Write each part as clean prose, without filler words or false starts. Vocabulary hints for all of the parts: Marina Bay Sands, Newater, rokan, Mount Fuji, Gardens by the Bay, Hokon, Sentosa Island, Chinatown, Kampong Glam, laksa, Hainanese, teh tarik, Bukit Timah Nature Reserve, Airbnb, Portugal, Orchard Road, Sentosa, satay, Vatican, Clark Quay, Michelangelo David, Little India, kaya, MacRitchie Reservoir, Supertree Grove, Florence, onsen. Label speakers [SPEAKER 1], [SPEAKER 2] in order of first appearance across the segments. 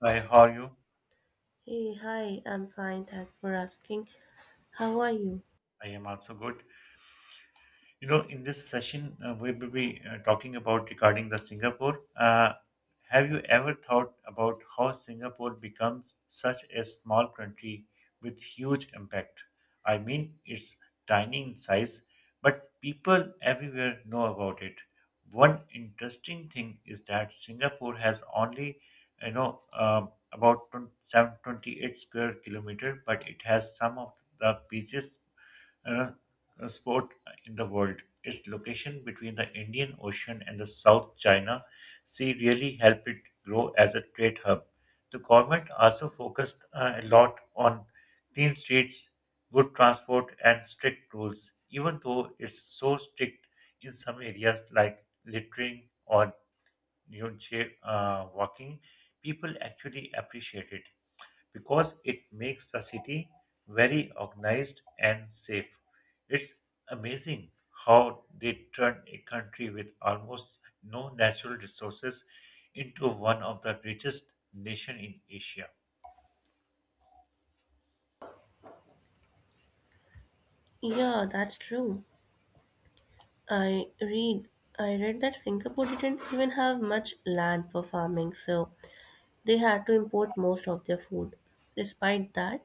[SPEAKER 1] Hi, how are you?
[SPEAKER 2] Hey, hi, I'm fine, thanks for asking. How are you?
[SPEAKER 1] I am also good. You know, in this session, we will be talking about regarding the Singapore. Have you ever thought about how Singapore becomes such a small country with huge impact? I mean, it's tiny in size, but people everywhere know about it. One interesting thing is that Singapore has only, about 27 28 square kilometer, but it has some of the busiest uh, sport in the world. Its location between the Indian Ocean and the South China Sea really helped it grow as a trade hub. The government also focused a lot on clean streets, good transport, and strict rules, even though it's so strict in some areas like littering or jail, walking. People actually appreciate it because it makes the city very organized and safe. It's amazing how they turn a country with almost no natural resources into one of the richest nation in Asia.
[SPEAKER 2] Yeah, that's true. I read I read that Singapore didn't even have much land for farming, so they had to import most of their food. Despite that,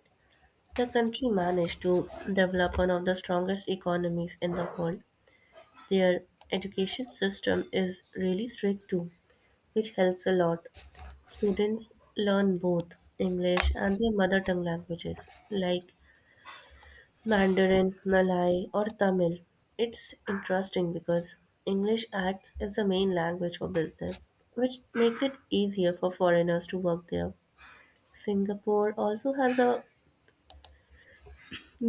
[SPEAKER 2] the country managed to develop one of the strongest economies in the world. Their education system is really strict too, which helps a lot. Students learn both English and their mother tongue languages, like Mandarin, Malay, or Tamil. It's interesting because English acts as the main language for business, which makes it easier for foreigners to work there. Singapore also has a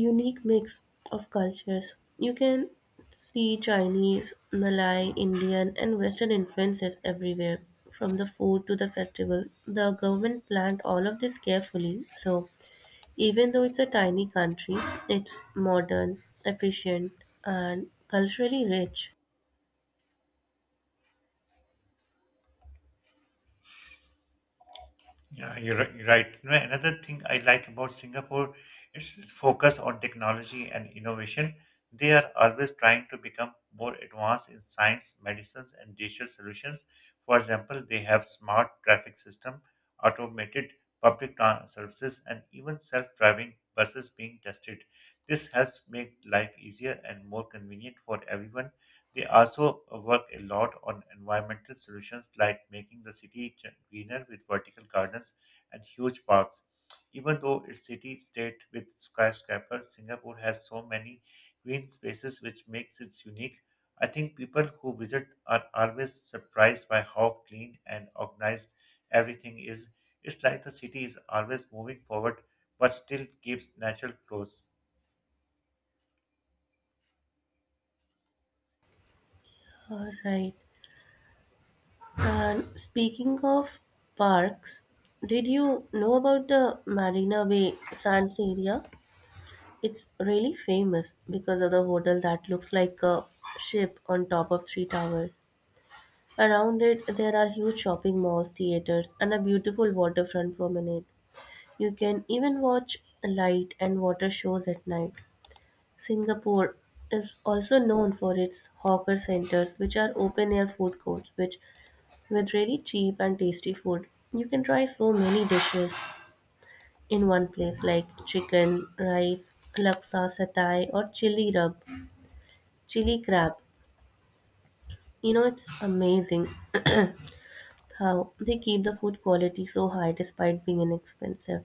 [SPEAKER 2] unique mix of cultures. You can see Chinese, Malay, Indian, and Western influences everywhere, from the food to the festival. The government planned all of this carefully, so even though it's a tiny country, it's modern, efficient, and culturally rich.
[SPEAKER 1] Yeah, you're right. You know, another thing I like about Singapore is this focus on technology and innovation. They are always trying to become more advanced in science, medicines, and digital solutions. For example, they have smart traffic system, automated services, and even self-driving buses being tested. This helps make life easier and more convenient for everyone. They also work a lot on environmental solutions like making the city greener with vertical gardens and huge parks. Even though its city state with skyscrapers, Singapore has so many green spaces which makes it unique. I think people who visit are always surprised by how clean and organized everything is. It's like the city is always moving forward but still keeps natural close.
[SPEAKER 2] All right. And speaking of parks, did you know about the Marina Bay Sands area? It's really famous because of the hotel that looks like a ship on top of three towers. Around it, there are huge shopping malls, theaters, and a beautiful waterfront promenade. You can even watch light and water shows at night. Singapore is also known for its hawker centers, which are open air food courts, which with really cheap and tasty food. You can try so many dishes in one place, like chicken, rice, laksa, satay, or chili rub. Chili crab. You know, it's amazing how they keep the food quality so high despite being inexpensive.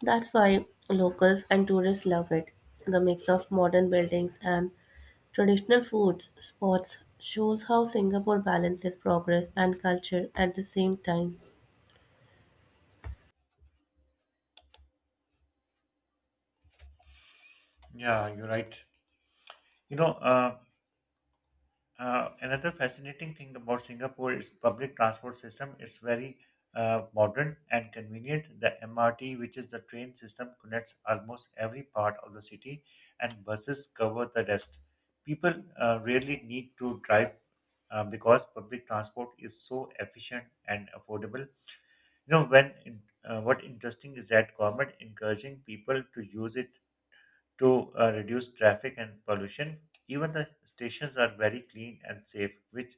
[SPEAKER 2] That's why locals and tourists love it. The mix of modern buildings and traditional foods spots shows how Singapore balances progress and culture at the same time.
[SPEAKER 1] Yeah, you're right. You know, another fascinating thing about Singapore is public transport system. It's very modern and convenient. The MRT, which is the train system, connects almost every part of the city, and buses cover the rest. People rarely need to drive because public transport is so efficient and affordable. You know, what interesting is that government encouraging people to use it to reduce traffic and pollution. Even the stations are very clean and safe, which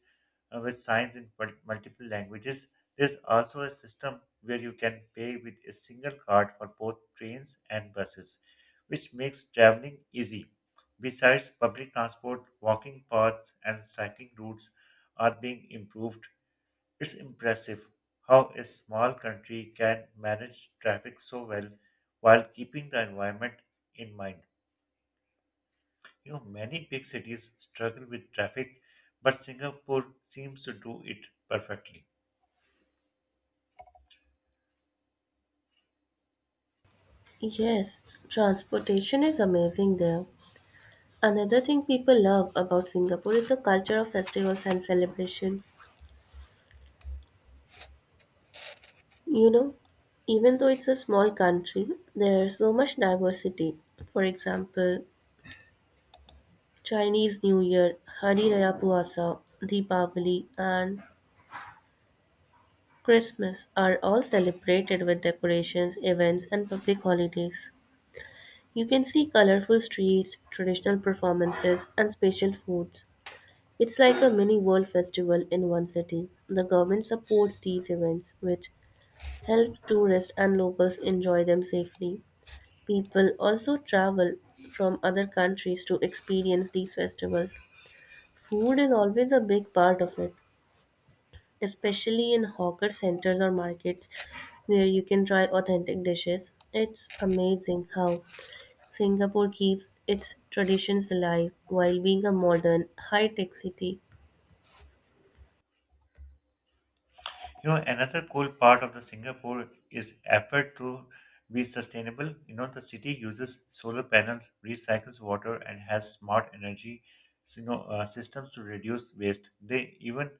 [SPEAKER 1] with signs in multiple languages. There's also a system where you can pay with a single card for both trains and buses, which makes traveling easy. Besides, public transport, walking paths, and cycling routes are being improved. It's impressive how a small country can manage traffic so well while keeping the environment in mind. You know, many big cities struggle with traffic, but Singapore seems to do it perfectly.
[SPEAKER 2] Yes, transportation is amazing there. Another thing people love about Singapore is the culture of festivals and celebrations. You know, even though it's a small country, there's so much diversity. For example, Chinese New Year, Hari Raya Puasa, Deepavali, and Christmas are all celebrated with decorations, events, and public holidays. You can see colorful streets, traditional performances, and special foods. It's like a mini world festival in one city. The government supports these events, which helps tourists and locals enjoy them safely. People also travel from other countries to experience these festivals. Food is always a big part of it, especially in hawker centers or markets where you can try authentic dishes. It's amazing how Singapore keeps its traditions alive while being a modern, high tech city.
[SPEAKER 1] You know, another cool part of the Singapore is effort to be sustainable. You know, the city uses solar panels, recycles water, and has smart energy, systems to reduce waste. They even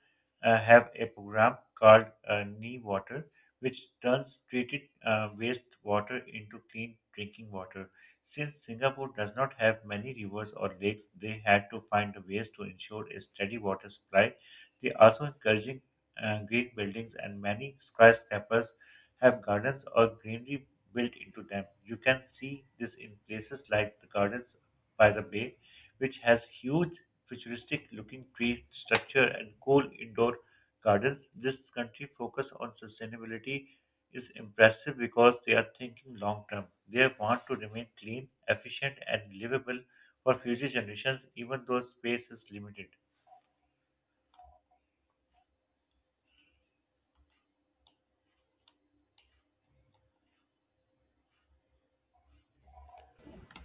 [SPEAKER 1] have a program called Nee Water, which turns treated waste water into clean drinking water. Since Singapore does not have many rivers or lakes, they had to find ways to ensure a steady water supply. They also encouraging green buildings, and many skyscrapers have gardens or greenery built into them. You can see this in places like the Gardens by the Bay, which has huge futuristic looking tree structure and cool indoor gardens. This country focus on sustainability is impressive because they are thinking long term. They want to remain clean, efficient and livable for future generations even though space is limited.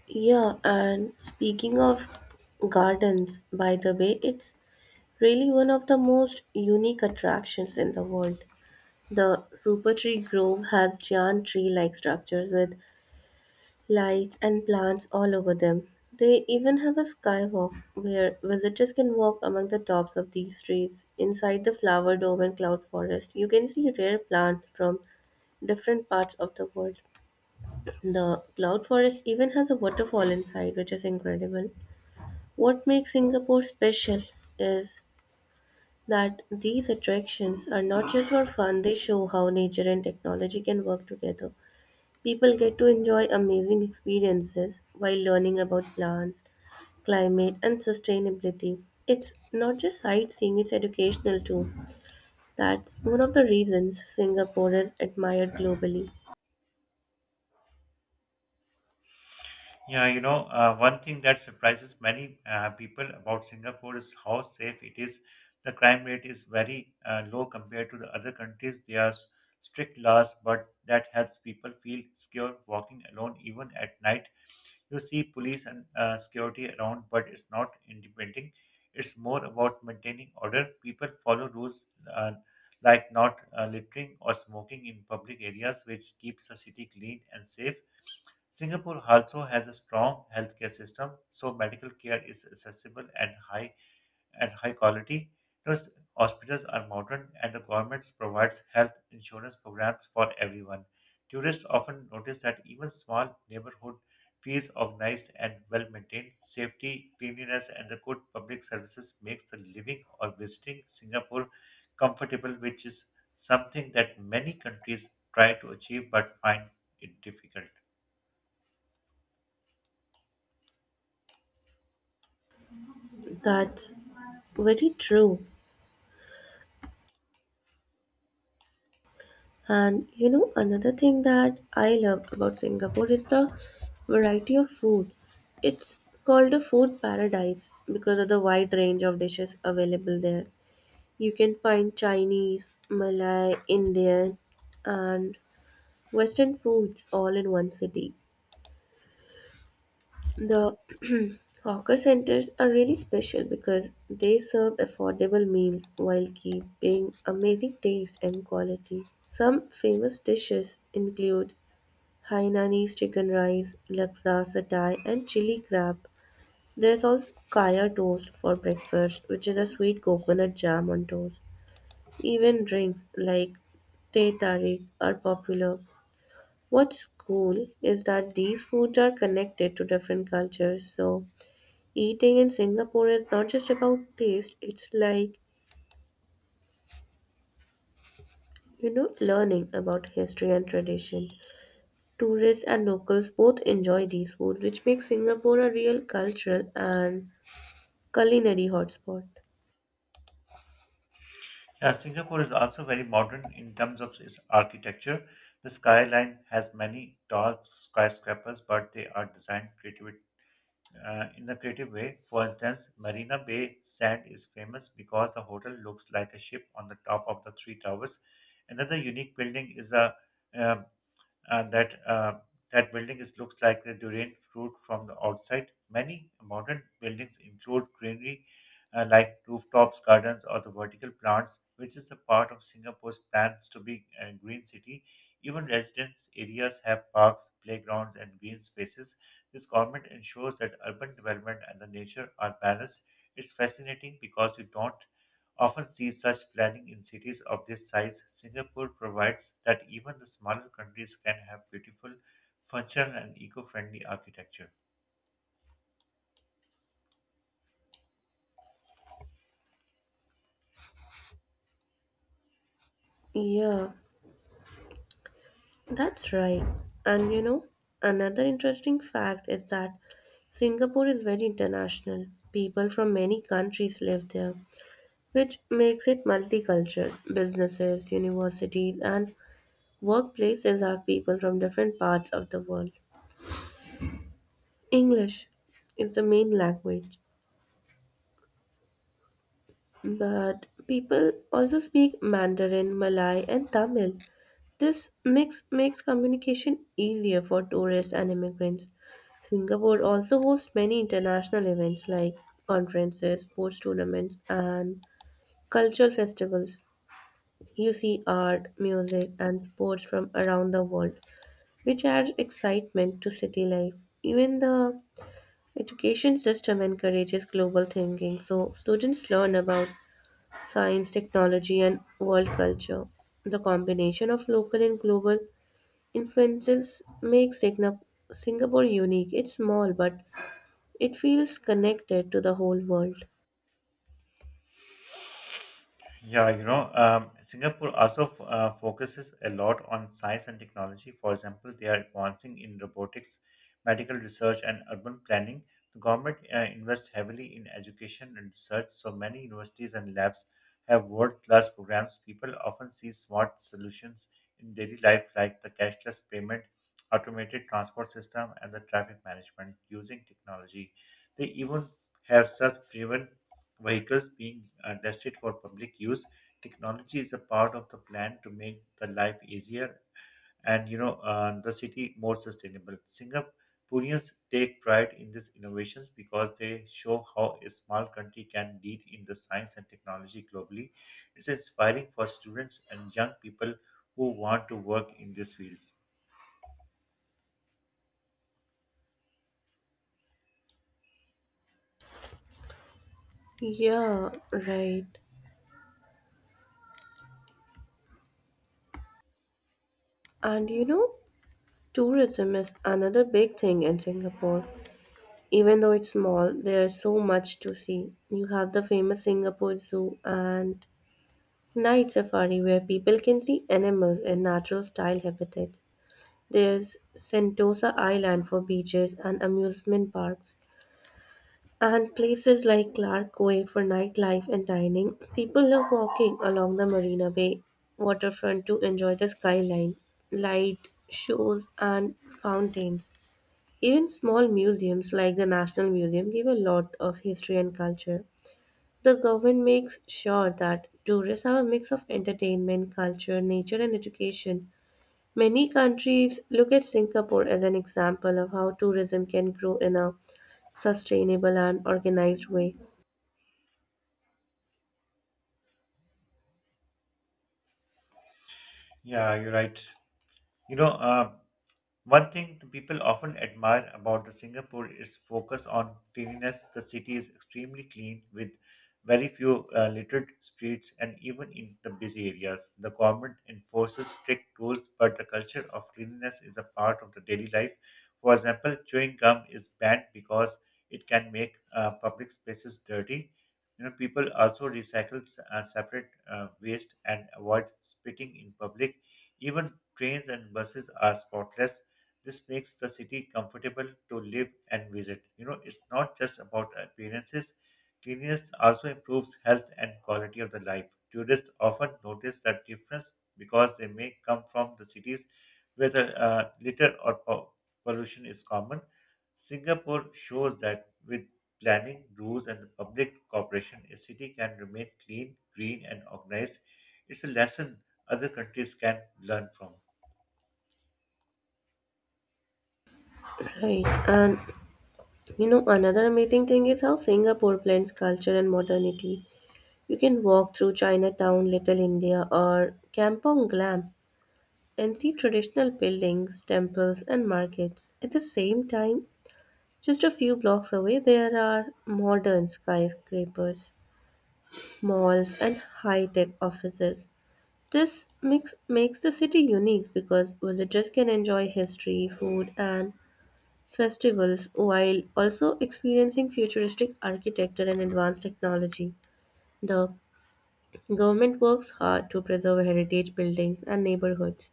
[SPEAKER 2] Yeah, and speaking of gardens, by the way, it's really one of the most unique attractions in the world. The Supertree Grove has giant tree like structures with lights and plants all over them. They even have a skywalk where visitors can walk among the tops of these trees. Inside the flower dome and cloud forest, you can see rare plants from different parts of the world. The cloud forest even has a waterfall inside, which is incredible. What makes Singapore special is that these attractions are not just for fun, they show how nature and technology can work together. People get to enjoy amazing experiences while learning about plants, climate, and sustainability. It's not just sightseeing, it's educational too. That's one of the reasons Singapore is admired globally.
[SPEAKER 1] Yeah, you know, one thing that surprises many people about Singapore is how safe it is. The crime rate is very low compared to the other countries. There are strict laws, but that helps people feel secure walking alone, even at night. You see police and security around, but it's not intimidating. It's more about maintaining order. People follow rules uh, like not littering or smoking in public areas, which keeps the city clean and safe. Singapore also has a strong healthcare system, so medical care is accessible and high quality. Those hospitals are modern, and the government provides health insurance programs for everyone. Tourists often notice that even small neighborhood fees organized and well maintained, safety, cleanliness, and the good public services makes the living or visiting Singapore comfortable, which is something that many countries try to achieve but find it difficult.
[SPEAKER 2] That's very true. And you know, another thing that I love about Singapore is the variety of food. It's called a food paradise because of the wide range of dishes available there. You can find Chinese, Malay, Indian, and Western foods all in one city. The hawker centers are really special because they serve affordable meals while keeping amazing taste and quality. Some famous dishes include Hainanese chicken rice, laksa satay, and chili crab. There's also kaya toast for breakfast, which is a sweet coconut jam on toast. Even drinks like teh tarik are popular. What's cool is that these foods are connected to different cultures. So eating in Singapore is not just about taste, it's like, you know, learning about history and tradition. Tourists and locals both enjoy these foods, which makes Singapore a real cultural and culinary hotspot.
[SPEAKER 1] Yeah, Singapore is also very modern in terms of its architecture. The skyline has many tall skyscrapers, but they are designed creative, in a creative way. For instance, Marina Bay Sand is famous because the hotel looks like a ship on the top of the three towers. Another unique building is a uh, and that building is looks like the durian fruit from the outside. Many modern buildings include greenery like rooftops, gardens, or the vertical plants, which is a part of Singapore's plans to be a green city. Even residence areas have parks, playgrounds, and green spaces. This government ensures that urban development and the nature are balanced. It's fascinating because we don't often see such planning in cities of this size. Singapore provides that even the smaller countries can have beautiful, functional, and eco friendly architecture.
[SPEAKER 2] Yeah. That's right. And you know, another interesting fact is that Singapore is very international. People from many countries live there, which makes it multicultural. Businesses, universities, and workplaces have people from different parts of the world. English is the main language, but people also speak Mandarin, Malay, and Tamil. This mix makes communication easier for tourists and immigrants. Singapore also hosts many international events like conferences, sports tournaments, and cultural festivals. You see art, music, and sports from around the world, which adds excitement to city life. Even the education system encourages global thinking, so students learn about science, technology, and world culture. The combination of local and global influences makes Singapore unique. It's small, but it feels connected to the whole world.
[SPEAKER 1] Yeah, you know, Singapore also focuses a lot on science and technology. For example, they are advancing in robotics, medical research, and urban planning. The government invests heavily in education and research, so many universities and labs have world-class programs. People often see smart solutions in daily life, like the cashless payment, automated transport system, and the traffic management using technology. They even have self-driven vehicles being destined for public use. Technology is a part of the plan to make the life easier and the city more sustainable. Singaporeans take pride in these innovations because they show how a small country can lead in the science and technology globally. It's inspiring for students and young people who want to work in these fields.
[SPEAKER 2] Yeah, right. And you know, tourism is another big thing in Singapore. Even though it's small, there's so much to see. You have the famous Singapore Zoo and night safari where people can see animals in natural style habitats. There's Sentosa Island for beaches and amusement parks, and places like Clark Quay for nightlife and dining. People love walking along the Marina Bay waterfront to enjoy the skyline, light shows, and fountains. Even small museums like the National Museum give a lot of history and culture. The government makes sure that tourists have a mix of entertainment, culture, nature, and education. Many countries look at Singapore as an example of how tourism can grow in a sustainable and organized way.
[SPEAKER 1] Yeah, you're right. You know, one thing the people often admire about the Singapore is focus on cleanliness. The city is extremely clean with very few littered streets and even in the busy areas. The government enforces strict rules, but the culture of cleanliness is a part of the daily life. For example, chewing gum is banned because it can make public spaces dirty. You know, people also recycle separate waste and avoid spitting in public. Even trains and buses are spotless. This makes the city comfortable to live and visit. You know, it's not just about appearances. Cleanliness also improves health and quality of the life. Tourists often notice that difference because they may come from the cities where the litter or pollution is common. Singapore shows that with planning, rules, and the public cooperation, a city can remain clean, green, and organized. It's a lesson other countries can learn from.
[SPEAKER 2] Right. And you know, another amazing thing is how Singapore blends culture and modernity. You can walk through Chinatown, Little India, or Kampong Glam and see traditional buildings, temples, and markets. At the same time, just a few blocks away, there are modern skyscrapers, malls, and high tech offices. This mix makes the city unique because visitors can enjoy history, food, and festivals while also experiencing futuristic architecture and advanced technology. The government works hard to preserve heritage buildings and neighborhoods.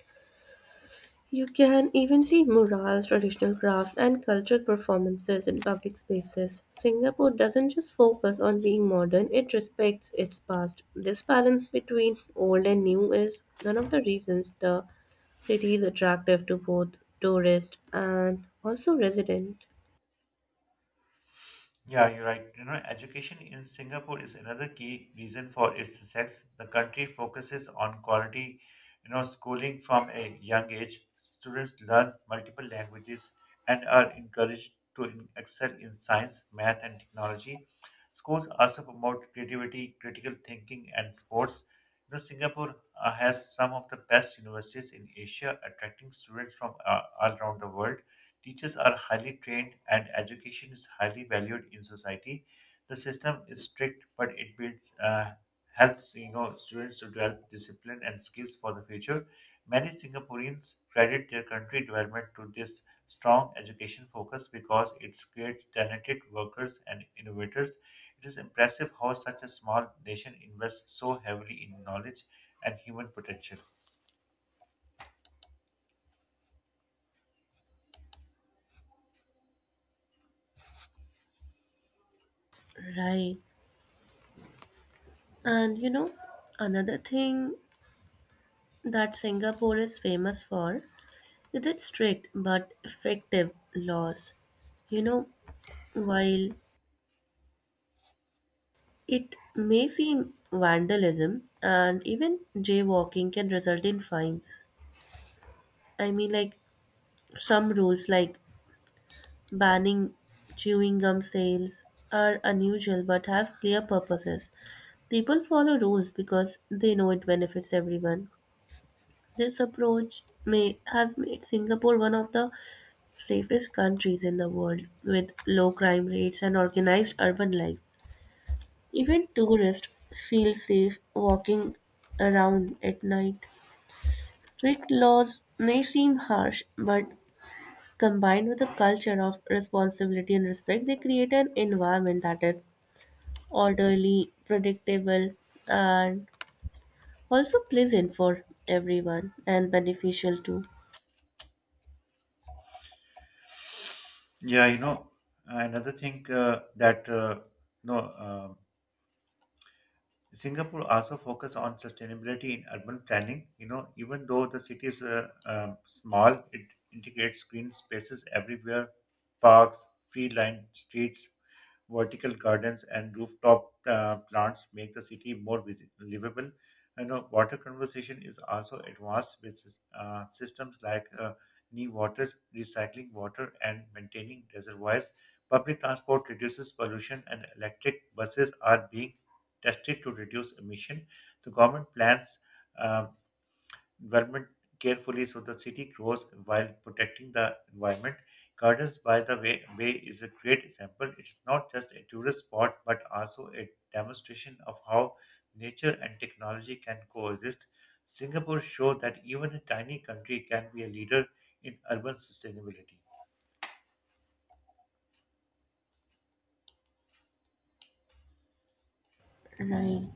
[SPEAKER 2] You can even see murals, traditional crafts, and cultural performances in public spaces. Singapore doesn't just focus on being modern, it respects its past. This balance between old and new is one of the reasons the city is attractive to both tourists and also residents.
[SPEAKER 1] Yeah, you're right. You know, education in Singapore is another key reason for its success. The country focuses on quality, you know, schooling from a young age. Students learn multiple languages and are encouraged to excel in science, math, and technology. Schools also promote creativity, critical thinking, and sports. You know, Singapore has some of the best universities in Asia, attracting students from all around the world. Teachers are highly trained and education is highly valued in society. The system is strict, but it helps students to develop discipline and skills for the future. Many Singaporeans credit their country development to this strong education focus because it creates talented workers and innovators. It is impressive how such a small nation invests so heavily in knowledge and human potential.
[SPEAKER 2] Right. And you know, another thing that Singapore is famous for is its strict but effective laws. You know, while it may seem vandalism and even jaywalking can result in fines. I mean, like some rules, like banning chewing gum sales, are unusual but have clear purposes. People follow rules because they know it benefits everyone. This approach may has made Singapore one of the safest countries in the world with low crime rates and organized urban life. Even tourists feel safe walking around at night. Strict laws may seem harsh, but combined with a culture of responsibility and respect, they create an environment that is orderly, predictable, and also pleasant for everyone and beneficial too.
[SPEAKER 1] Yeah, you know, another thing that no. Singapore also focus on sustainability in urban planning. You know, even though the city is small, it integrates green spaces everywhere, parks, tree-lined streets, vertical gardens, and rooftop plants make the city more livable. You know, water conservation is also advanced with systems like new water, recycling water, and maintaining reservoirs. Public transport reduces pollution, and electric buses are being tested to reduce emission. The government plans uh, development carefully so the city grows while protecting the environment. Gardens by the way is a great example. It's not just a tourist spot but also a demonstration of how nature and technology can coexist. Singapore showed that even a tiny country can be a leader in urban sustainability.
[SPEAKER 2] Right.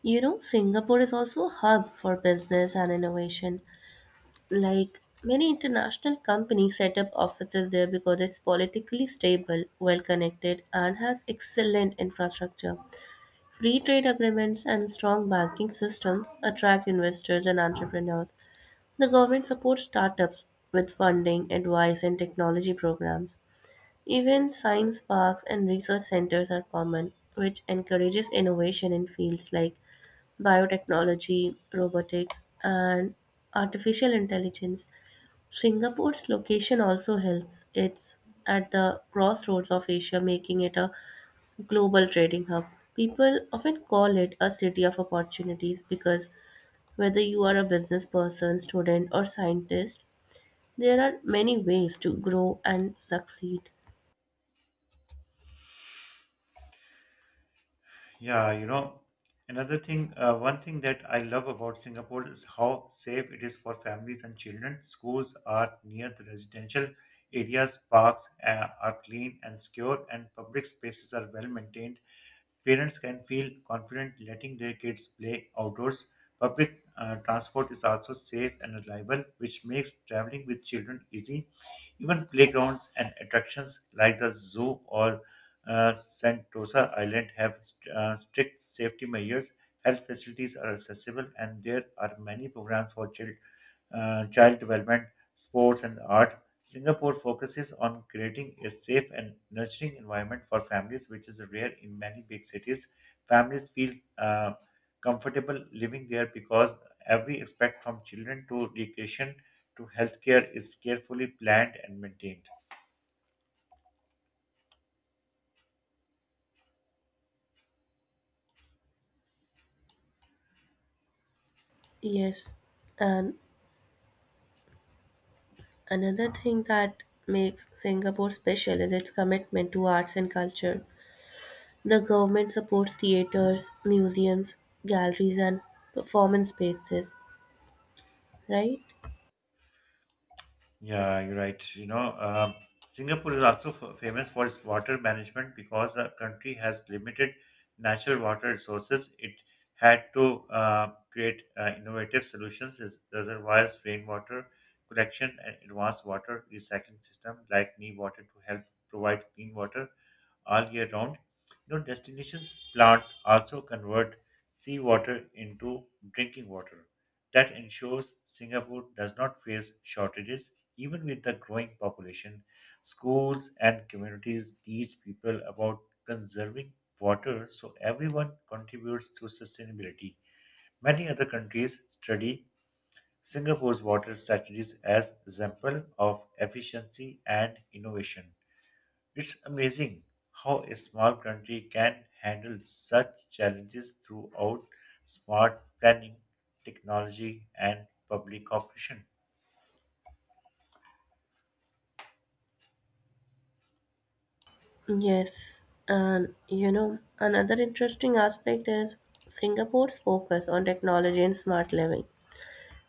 [SPEAKER 2] You know, Singapore is also a hub for business and innovation. Like many international companies set up offices there because it's politically stable, well connected, and has excellent infrastructure. Free trade agreements and strong banking systems attract investors and entrepreneurs. The government supports startups with funding, advice, and technology programs. Even science parks and research centers are common, which encourages innovation in fields like biotechnology, robotics, and artificial intelligence. Singapore's location also helps. It's at the crossroads of Asia, making it a global trading hub. People often call it a city of opportunities because whether you are a business person, student, or scientist, there are many ways to grow and succeed.
[SPEAKER 1] Yeah, you know, one thing that I love about Singapore is how safe it is for families and children. Schools are near the residential areas, parks are clean and secure, and public spaces are well maintained. Parents can feel confident letting their kids play outdoors. Public transport is also safe and reliable, which makes traveling with children easy. Even playgrounds and attractions like the zoo or Sentosa Island have strict safety measures. Health facilities are accessible, and there are many programs for child development, sports, and art. Singapore focuses on creating a safe and nurturing environment for families, which is rare in many big cities. Families feel comfortable living there because every aspect from children to education to healthcare is carefully planned and maintained.
[SPEAKER 2] Yes, and another thing that makes Singapore special is its commitment to arts and culture. The government supports theaters, museums, galleries, and performance spaces, right?
[SPEAKER 1] Yeah, you're right. You know, Singapore is also famous for its water management because the country has limited natural water resources. It had to create innovative solutions, reservoirs, rainwater collection, and advanced water recycling system like Newater to help provide clean water all year round. You know, destinations plants also convert seawater into drinking water. That ensures Singapore does not face shortages, even with the growing population. Schools and communities teach people about conserving water so everyone contributes to sustainability. Many other countries study Singapore's water strategies as example of efficiency and innovation. It's amazing how a small country can handle such challenges throughout smart planning, technology, and public cooperation.
[SPEAKER 2] Yes, and you know, another interesting aspect is Singapore's focus on technology and smart living.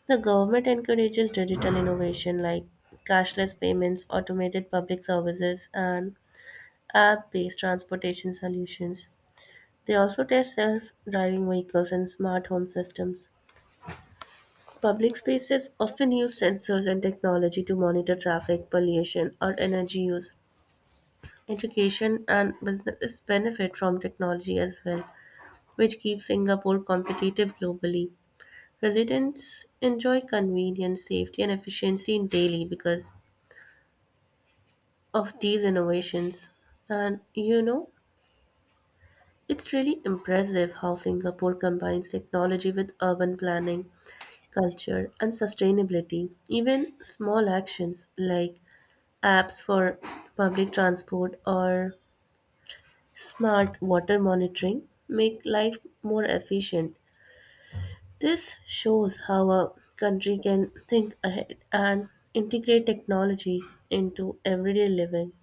[SPEAKER 2] The government encourages digital innovation like cashless payments, automated public services, and app based transportation solutions. They also test self driving vehicles and smart home systems. Public spaces often use sensors and technology to monitor traffic, pollution, or energy use. Education and business benefit from technology as well, which keeps Singapore competitive globally. Residents enjoy convenience, safety, and efficiency in daily because of these innovations. And you know, it's really impressive how Singapore combines technology with urban planning, culture, and sustainability. Even small actions like apps for public transport or smart water monitoring make life more efficient. This shows how a country can think ahead and integrate technology into everyday living.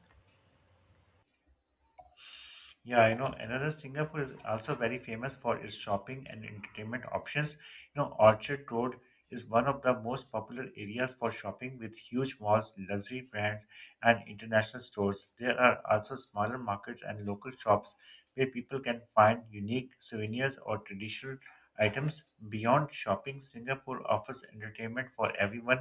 [SPEAKER 1] Yeah, I know another Singapore is also very famous for its shopping and entertainment options. You know, Orchard Road is one of the most popular areas for shopping with huge malls, luxury brands, and international stores. There are also smaller markets and local shops where people can find unique souvenirs or traditional items. Beyond shopping, Singapore offers entertainment for everyone.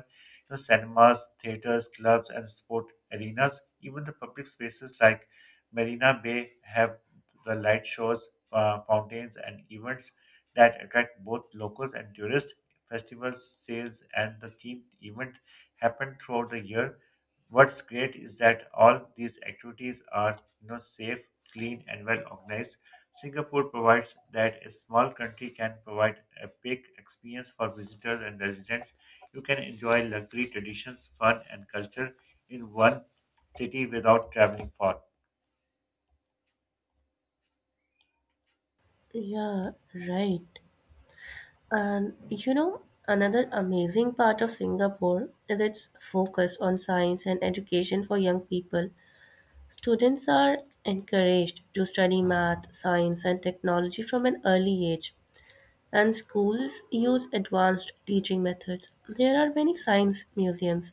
[SPEAKER 1] You know, cinemas, theaters, clubs, and sport arenas. Even the public spaces like Marina Bay have the light shows, fountains, and events that attract both locals and tourists. Festivals, sales, and the themed event happen throughout the year. What's great is that all these activities are safe, clean, and well organized. Singapore provides that a small country can provide a big experience for visitors and residents. You can enjoy luxury traditions, fun, and culture in one city without traveling far.
[SPEAKER 2] Yeah, right. And you know, another amazing part of Singapore is its focus on science and education for young people. Students are encouraged to study math, science, and technology from an early age, and schools use advanced teaching methods. There are many science museums,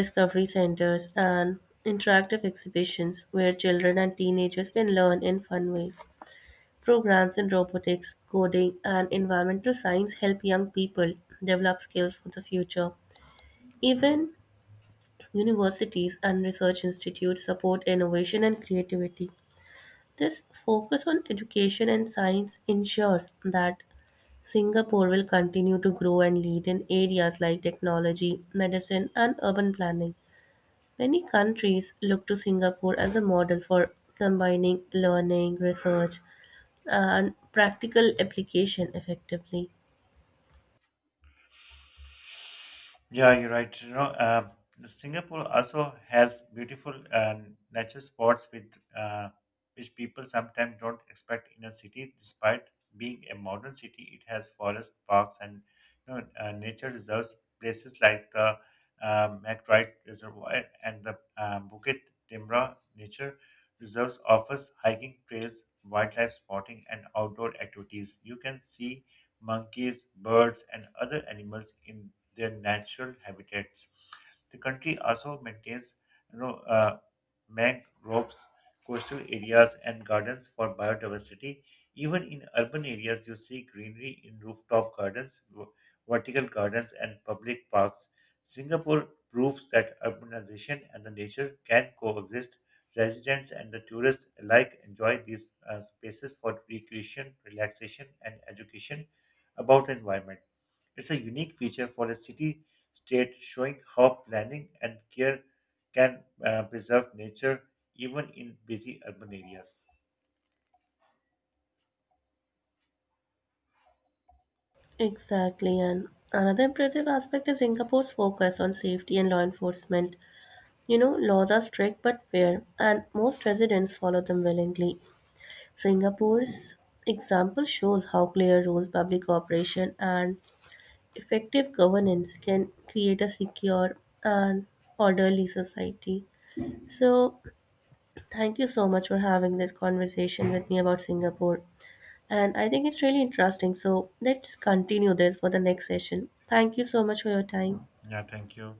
[SPEAKER 2] discovery centers, and interactive exhibitions where children and teenagers can learn in fun ways. Programs in robotics, coding, and environmental science help young people develop skills for the future. Even universities and research institutes support innovation and creativity. This focus on education and science ensures that Singapore will continue to grow and lead in areas like technology, medicine, and urban planning. Many countries look to Singapore as a model for combining learning, research, and practical application effectively.
[SPEAKER 1] Yeah, you're right. You know, Singapore also has beautiful nature spots with which people sometimes don't expect in a city. Despite being a modern city, it has forest parks and nature reserves. Places like the McBride Reservoir and the Bukit Timra Nature Reserves offers hiking trails, wildlife spotting, and outdoor activities. You can see monkeys, birds, and other animals in their natural habitats. The country also maintains you know, uh, mangroves, coastal areas, and gardens for biodiversity. Even in urban areas, you see greenery in rooftop gardens, vertical gardens, and public parks. Singapore proves that urbanization and the nature can coexist. Residents and the tourists alike enjoy these spaces for recreation, relaxation, and education about the environment. It's a unique feature for a city state showing how planning and care can preserve nature even in busy urban areas.
[SPEAKER 2] Exactly, and another impressive aspect is Singapore's focus on safety and law enforcement. You know, laws are strict but fair, and most residents follow them willingly. Singapore's example shows how clear rules, public cooperation, and effective governance can create a secure and orderly society. So, thank you so much for having this conversation with me about Singapore. And I think it's really interesting. So, let's continue this for the next session. Thank you so much for your time.
[SPEAKER 1] Yeah, thank you.